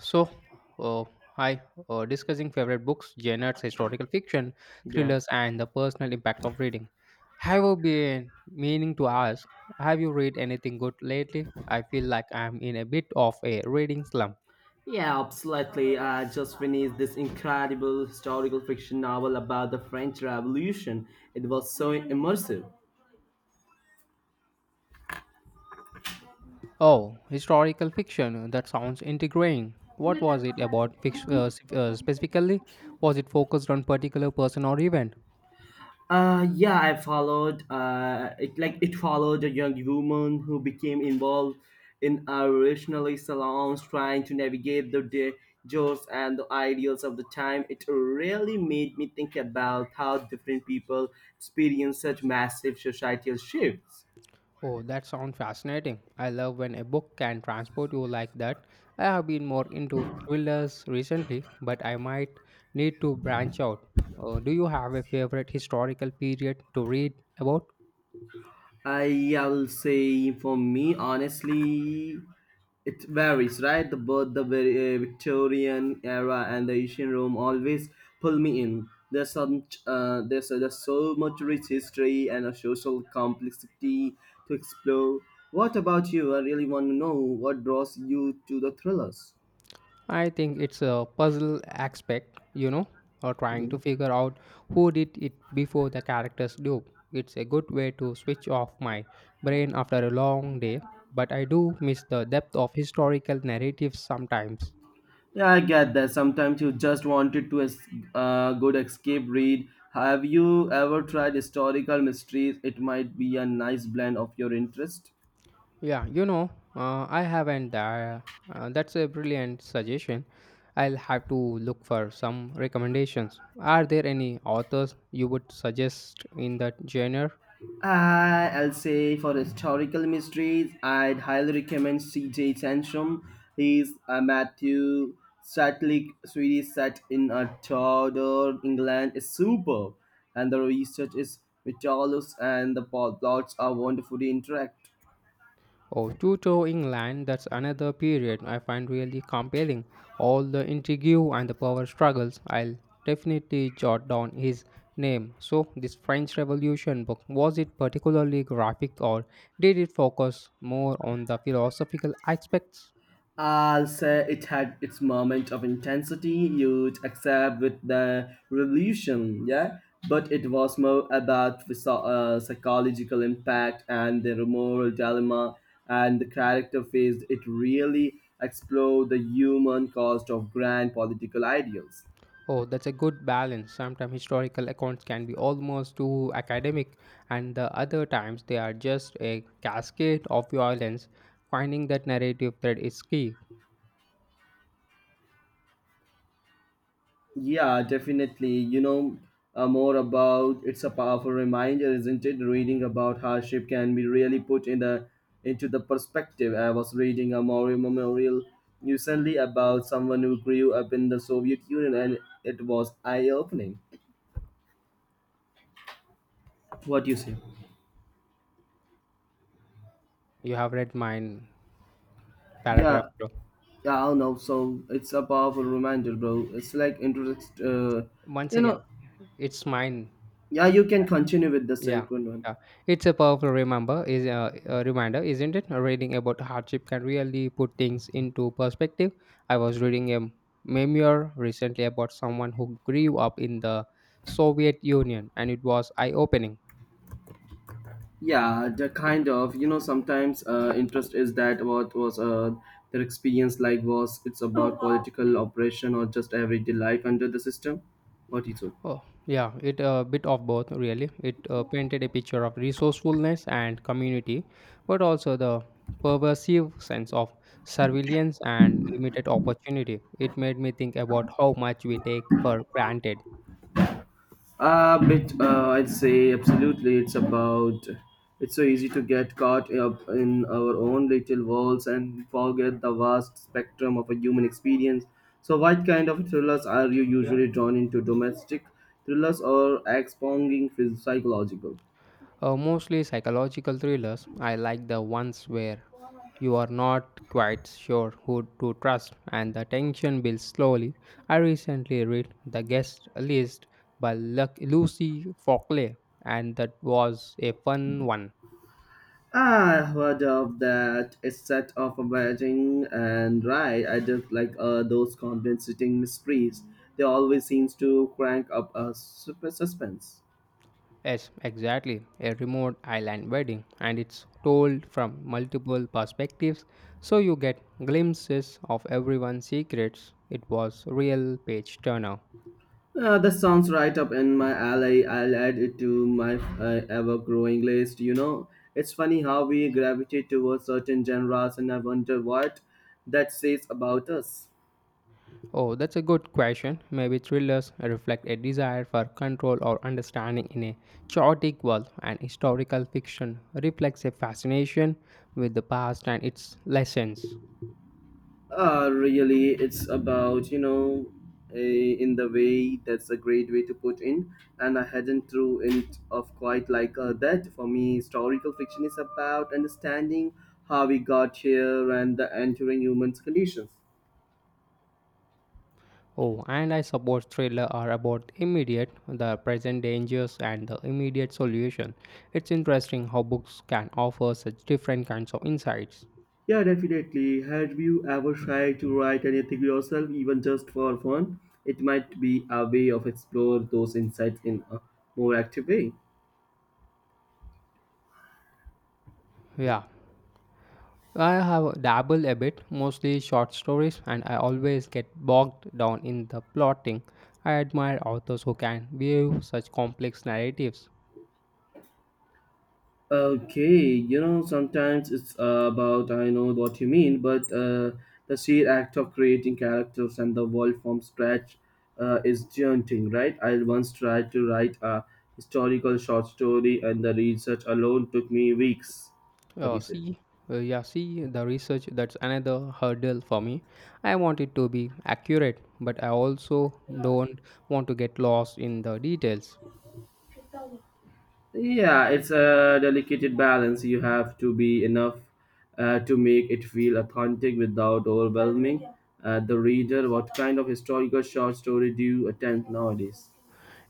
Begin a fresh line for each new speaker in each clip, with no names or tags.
So, uh, Hi. Discussing favorite books, genres, historical fiction,
Yeah.
thrillers, and the personal impact of reading. Have you been meaning to ask? Have you read anything good lately? I feel like I'm in a bit of a reading slump.
Yeah, absolutely. I just finished this incredible historical fiction novel about the French Revolution. It was so immersive.
Oh, historical fiction. That sounds intriguing. What was it about fiction, specifically? Was it focused on particular person or event?
Yeah, I followed. It followed a young woman who became involved in a revolutionary salons, trying to navigate the joys and the ideals of the time. It really made me think about how different people experience such massive societal shifts.
Oh, that sounds fascinating. I love when a book can transport you like that. I have been more into thrillers recently, but I might need to branch out. Do you have a favorite historical period to read about?
I will say for me, honestly, it varies, right? The both the very, Victorian era and the ancient Rome always pull me in. There's some, there's so much rich history and a social complexity to explore. What about you? I really want to know what draws you to the thrillers.
I think it's a puzzle aspect, you know, or trying to
Mm-hmm.
figure out who did it before the characters do. It's a good way to switch off my brain after a long day, but I do miss the depth of historical narratives sometimes.
Yeah, I get that. Sometimes you just wanted to a good escape read. Have you ever tried historical mysteries? It might be a nice blend of your interest.
Yeah, you know, I haven't. That's a brilliant suggestion. I'll have to look for some recommendations. Are there any authors you would suggest in that genre?
Uh, I'll say for historical mysteries, I'd highly recommend C.J. Sansom. He's a Matthew Satlick Swedish set in a Tudor England is superb, and the research is meticulous, and the plots are wonderfully interact.
Oh, Tuto England, that's another period I find really compelling. All the intrigue and the power struggles. I'll definitely jot down his name. So, this French Revolution book, was it particularly graphic or did it focus more on the philosophical aspects?
I'll say it had its moment of intensity you'd accept with the revolution, yeah? But it was more about the psychological impact and the moral dilemma and the character phase. It really explored the human cost of grand political ideals.
Oh, that's a good balance. Sometimes historical accounts can be almost too academic, and the other times they are just a cascade of violence. Finding that narrative thread is key.
Yeah, definitely. More about it's a powerful reminder, isn't it? Reading about hardship can be really put in the into the perspective. I was reading a memorial recently about someone who grew up in the Soviet Union, and it was eye-opening. What do you say?
You have read mine paragraph.
Yeah, yeah, I don't know. So it's a powerful reminder, bro. It's like interest.
Once
You
again,
know,
it's mine.
yeah, you can continue with the
Yeah,
second one.
yeah. It's a powerful remember is a reminder, isn't it? Reading about hardship can really put things into perspective. I was reading a memoir recently about someone who grew up in the Soviet Union, and it was eye-opening.
Yeah, the kind of sometimes interest is that what was their experience like was it's about political operation or just everyday life under the system. What do you think?
Oh, yeah, it a bit of both really. It painted a picture of resourcefulness and community, but also the pervasive sense of surveillance and limited opportunity. It made me think about how much we take for granted.
A bit, I'd say absolutely. It's about it's so easy to get caught up in our own little worlds and forget the vast spectrum of a human experience. So, what kind of thrillers are you usually drawn into? Domestic thrillers or expounding psychological?
Mostly psychological thrillers. I like the ones where you are not quite sure who to trust and the tension builds slowly. I recently read The Guest List by Lucy Fockley, and that was a fun one.
I heard of that. It's set off amazing and right. I just like those compensating mysteries. They always seems to crank up a super suspense.
Yes, exactly. A remote island wedding, and it's told from multiple perspectives, so you get glimpses of everyone's secrets. It was real page turner.
That sounds right up in my alley. I'll add it to my ever-growing list. You know, it's funny how we gravitate towards certain genres, and I wonder what that says about us.
Oh, that's a good question. Maybe thrillers reflect a desire for control or understanding in a chaotic world, and historical fiction reflects a fascination with the past and its lessons.
Really, it's about, you know, a, in the way that's a great way to put in. And I hadn't through it of quite like that. For me, historical fiction is about understanding how we got here and the entering human's conditions.
Oh, and I suppose thrillers are about immediate, the present dangers and the immediate solution. It's interesting how books can offer such different kinds of insights.
Yeah, definitely. Have you ever tried to write anything yourself, even just for fun? It might be a way of explore those insights in a more active way.
Yeah, I have dabbled a bit, mostly short stories, and I always get bogged down in the plotting. I admire authors who can weave such complex narratives.
Okay, you know, sometimes it's about I know what you mean, but the sheer act of creating characters and the world from scratch is daunting, right? I once tried to write a historical short story, and the research alone took me weeks. What do
Oh,
you say?
see, yeah, see the research that's another hurdle for me. I want it to be accurate, but I also don't want to get lost in the details.
Yeah, it's a delicate balance. You have to be enough to make it feel authentic without overwhelming the reader. What kind of historical short story do you attempt nowadays?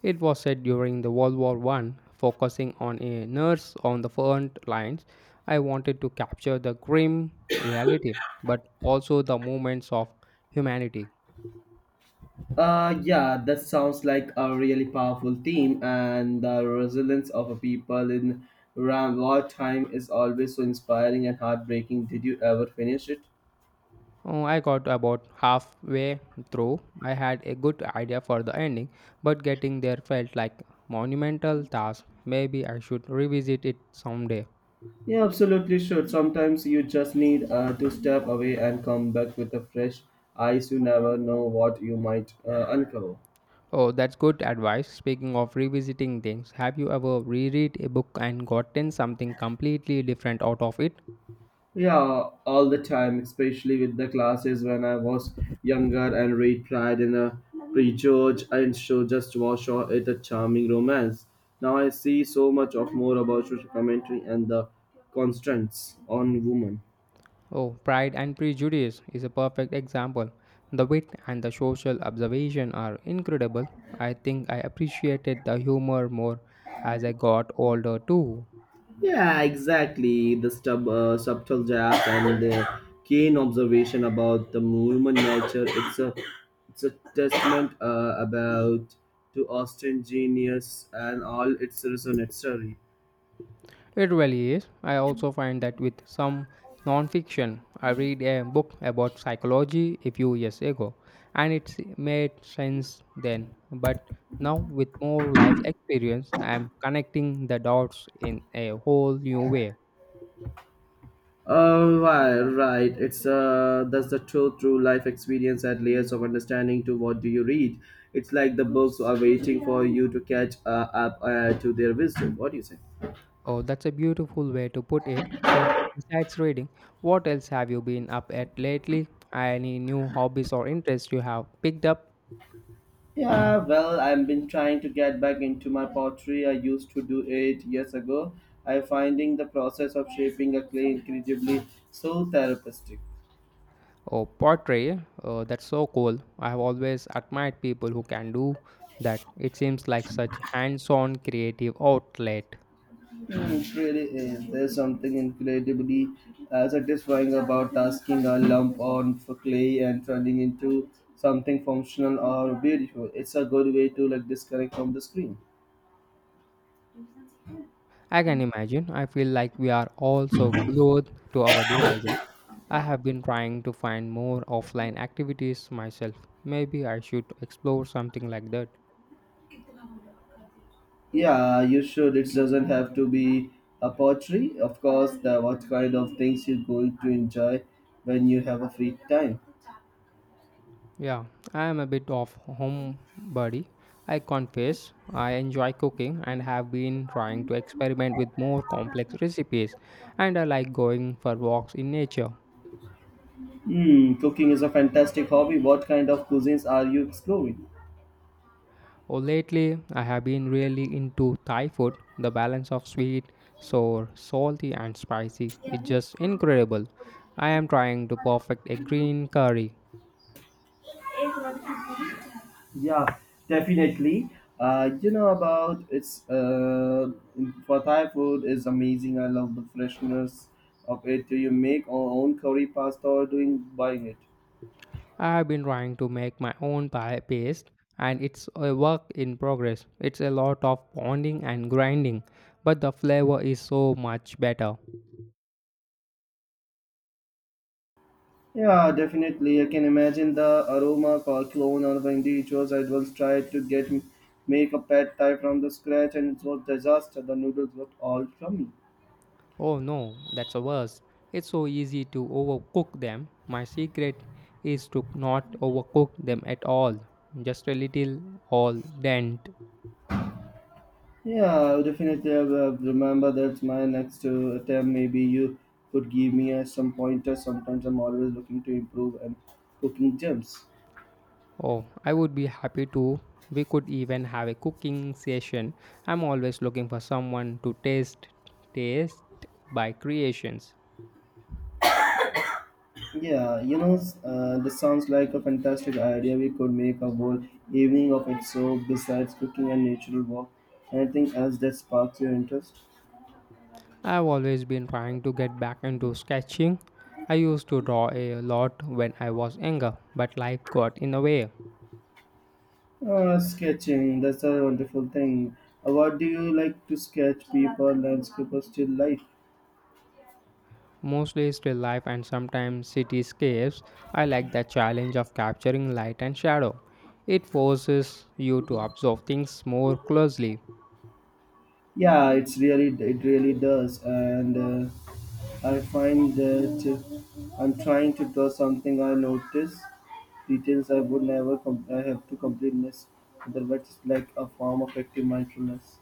It was set during the World War One, focusing on a nurse on the front lines. I wanted to capture the grim reality, but also the movements of humanity.
Yeah, that sounds like a really powerful theme, and the resilience of a people in around wartime is always so inspiring and heartbreaking. Did you ever finish it?
Oh, I got about halfway through. I had a good idea for the ending, but getting there felt like monumental task. Maybe I should revisit it someday.
Yeah, absolutely should. Sometimes you just need to step away and come back with a fresh eyes. You never know what you might uncover.
Oh, that's good advice. Speaking of revisiting things, have you ever reread a book and gotten something completely different out of it?
Yeah, all the time, especially with the classes when I was younger and read Pride in a prejudge and show just watch or it a charming romance. Now I see so much of more about social commentary and the constraints on women.
Oh, Pride and Prejudice is a perfect example. The wit and the social observation are incredible. I think I appreciated the humor more as I got older too.
Yeah, exactly. The subtle jab and the keen observation about the human nature. It's a testament about to Austin genius and all its resonant story.
It really is. I also find that with some non-fiction, I read a book about psychology a few years ago, and it made sense then. But now, with more life experience, I am connecting the dots in a whole new way.
Oh, right, right. It's that's the truth. Through life experience and layers of understanding to what do you read. It's like the books are waiting for you to catch up to their wisdom. What do you say?
Oh, that's a beautiful way to put it. So, besides reading, what else have you been up at lately? Any new hobbies or interests you have picked up?
Yeah, well, I've been trying to get back into my pottery. I used to do it years ago. I'm finding the process of shaping a clay incredibly so therapeutic.
Oh, pottery. Oh, that's so cool. I have always admired people who can do that. It seems like such hands-on creative outlet.
It really is. There's something incredibly satisfying about tasking a lump on for clay and turning into something functional or beautiful. It's a good way to like disconnect from the screen.
I can imagine. I feel like we are all so glued to our devices. I have been trying to find more offline activities myself. Maybe I should explore something like that.
Yeah, you should. It doesn't have to be a pottery, of course. The what kind of things you're going to enjoy when you have a free time.
Yeah, I am a bit of homebody. I confess, I enjoy cooking and have been trying to experiment with more complex recipes, and I like going for walks in nature.
Hmm, cooking is a fantastic hobby. What kind of cuisines are you exploring?
Oh, lately, I have been really into Thai food. The balance of sweet, sour, salty, and spicy is just incredible. I am trying to perfect a green curry.
Yeah, definitely. You know about it's for Thai food is amazing. I love the freshness of it. Do you make our own curry pasta or doing buying it?
I've been trying to make my own paste and it's a work in progress. It's a lot of pounding and grinding, but the flavor is so much better.
Yeah, definitely. I can imagine the aroma called clone or Wendy. It I once tried to get make a pad thai from the scratch and it was disaster. The noodles were all crummy.
Oh no, that's the worst. It's so easy to overcook them. My secret is to not overcook them at all. Just a little all dent.
Yeah, definitely. I will remember that's my next attempt. Maybe you could give me some pointers. Sometimes I'm always looking to improve and cooking gems.
Oh, I would be happy to. We could even have a cooking session. I'm always looking for someone to taste by creations.
Yeah, you know, this sounds like a fantastic idea. We could make a whole evening of it. So, besides cooking and natural walk, anything else that sparks your interest?
I've always been trying to get back into sketching. I used to draw a lot when I was younger, but life got in the way.
Sketching, that's a wonderful thing. What do you like to sketch? People, landscape, or still life?
Mostly still life and sometimes cityscapes. I like the challenge of capturing light and shadow. It forces you to observe things more closely.
Yeah, it really does, and I find that I'm trying to draw something I notice details I would never I have to completeness. Otherwise, it's like a form of active mindfulness.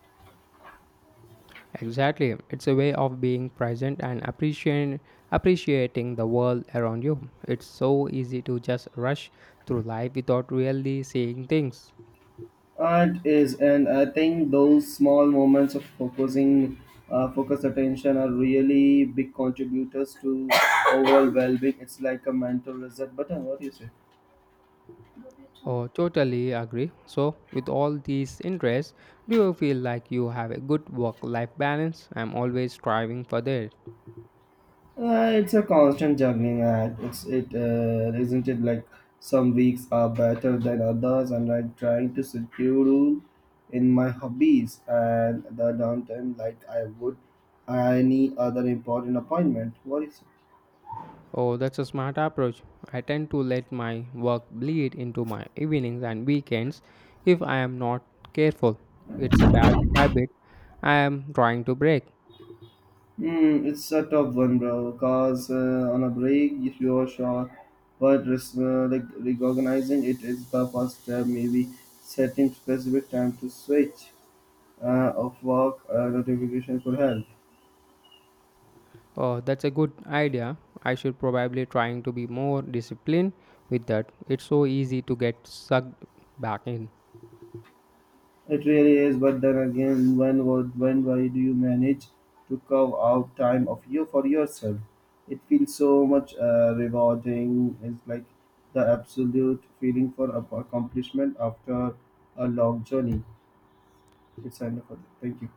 Exactly, it's a way of being present and appreciating the world around you. It's so easy to just rush through life without really seeing things.
Art is, and I think those small moments of focusing, focus attention are really big contributors to overall well-being. It's like a mental reset button. What do you say?
Oh, totally agree. So, with all these interests, do you feel like you have a good work life balance? I'm always striving for that.
It's a constant juggling act. It's it isn't it like some weeks are better than others, and I'm trying to schedule in my hobbies and the downtime like I would any other important appointment. What is it?
Oh, that's a smart approach. I tend to let my work bleed into my evenings and weekends if I am not careful. It's a bad habit I am trying to break.
Hmm, it's a tough one, bro. Cause on a break, if you're sure, but recognizing it is the first step. Maybe setting specific time to switch of work notification could help.
Oh, that's a good idea. I should probably trying to be more disciplined with that. It's so easy to get sucked back in.
It really is, but then again, when why do you manage to carve out time of you for yourself? It feels so much rewarding. It's like the absolute feeling for accomplishment after a long journey. It's enough for that. Thank you.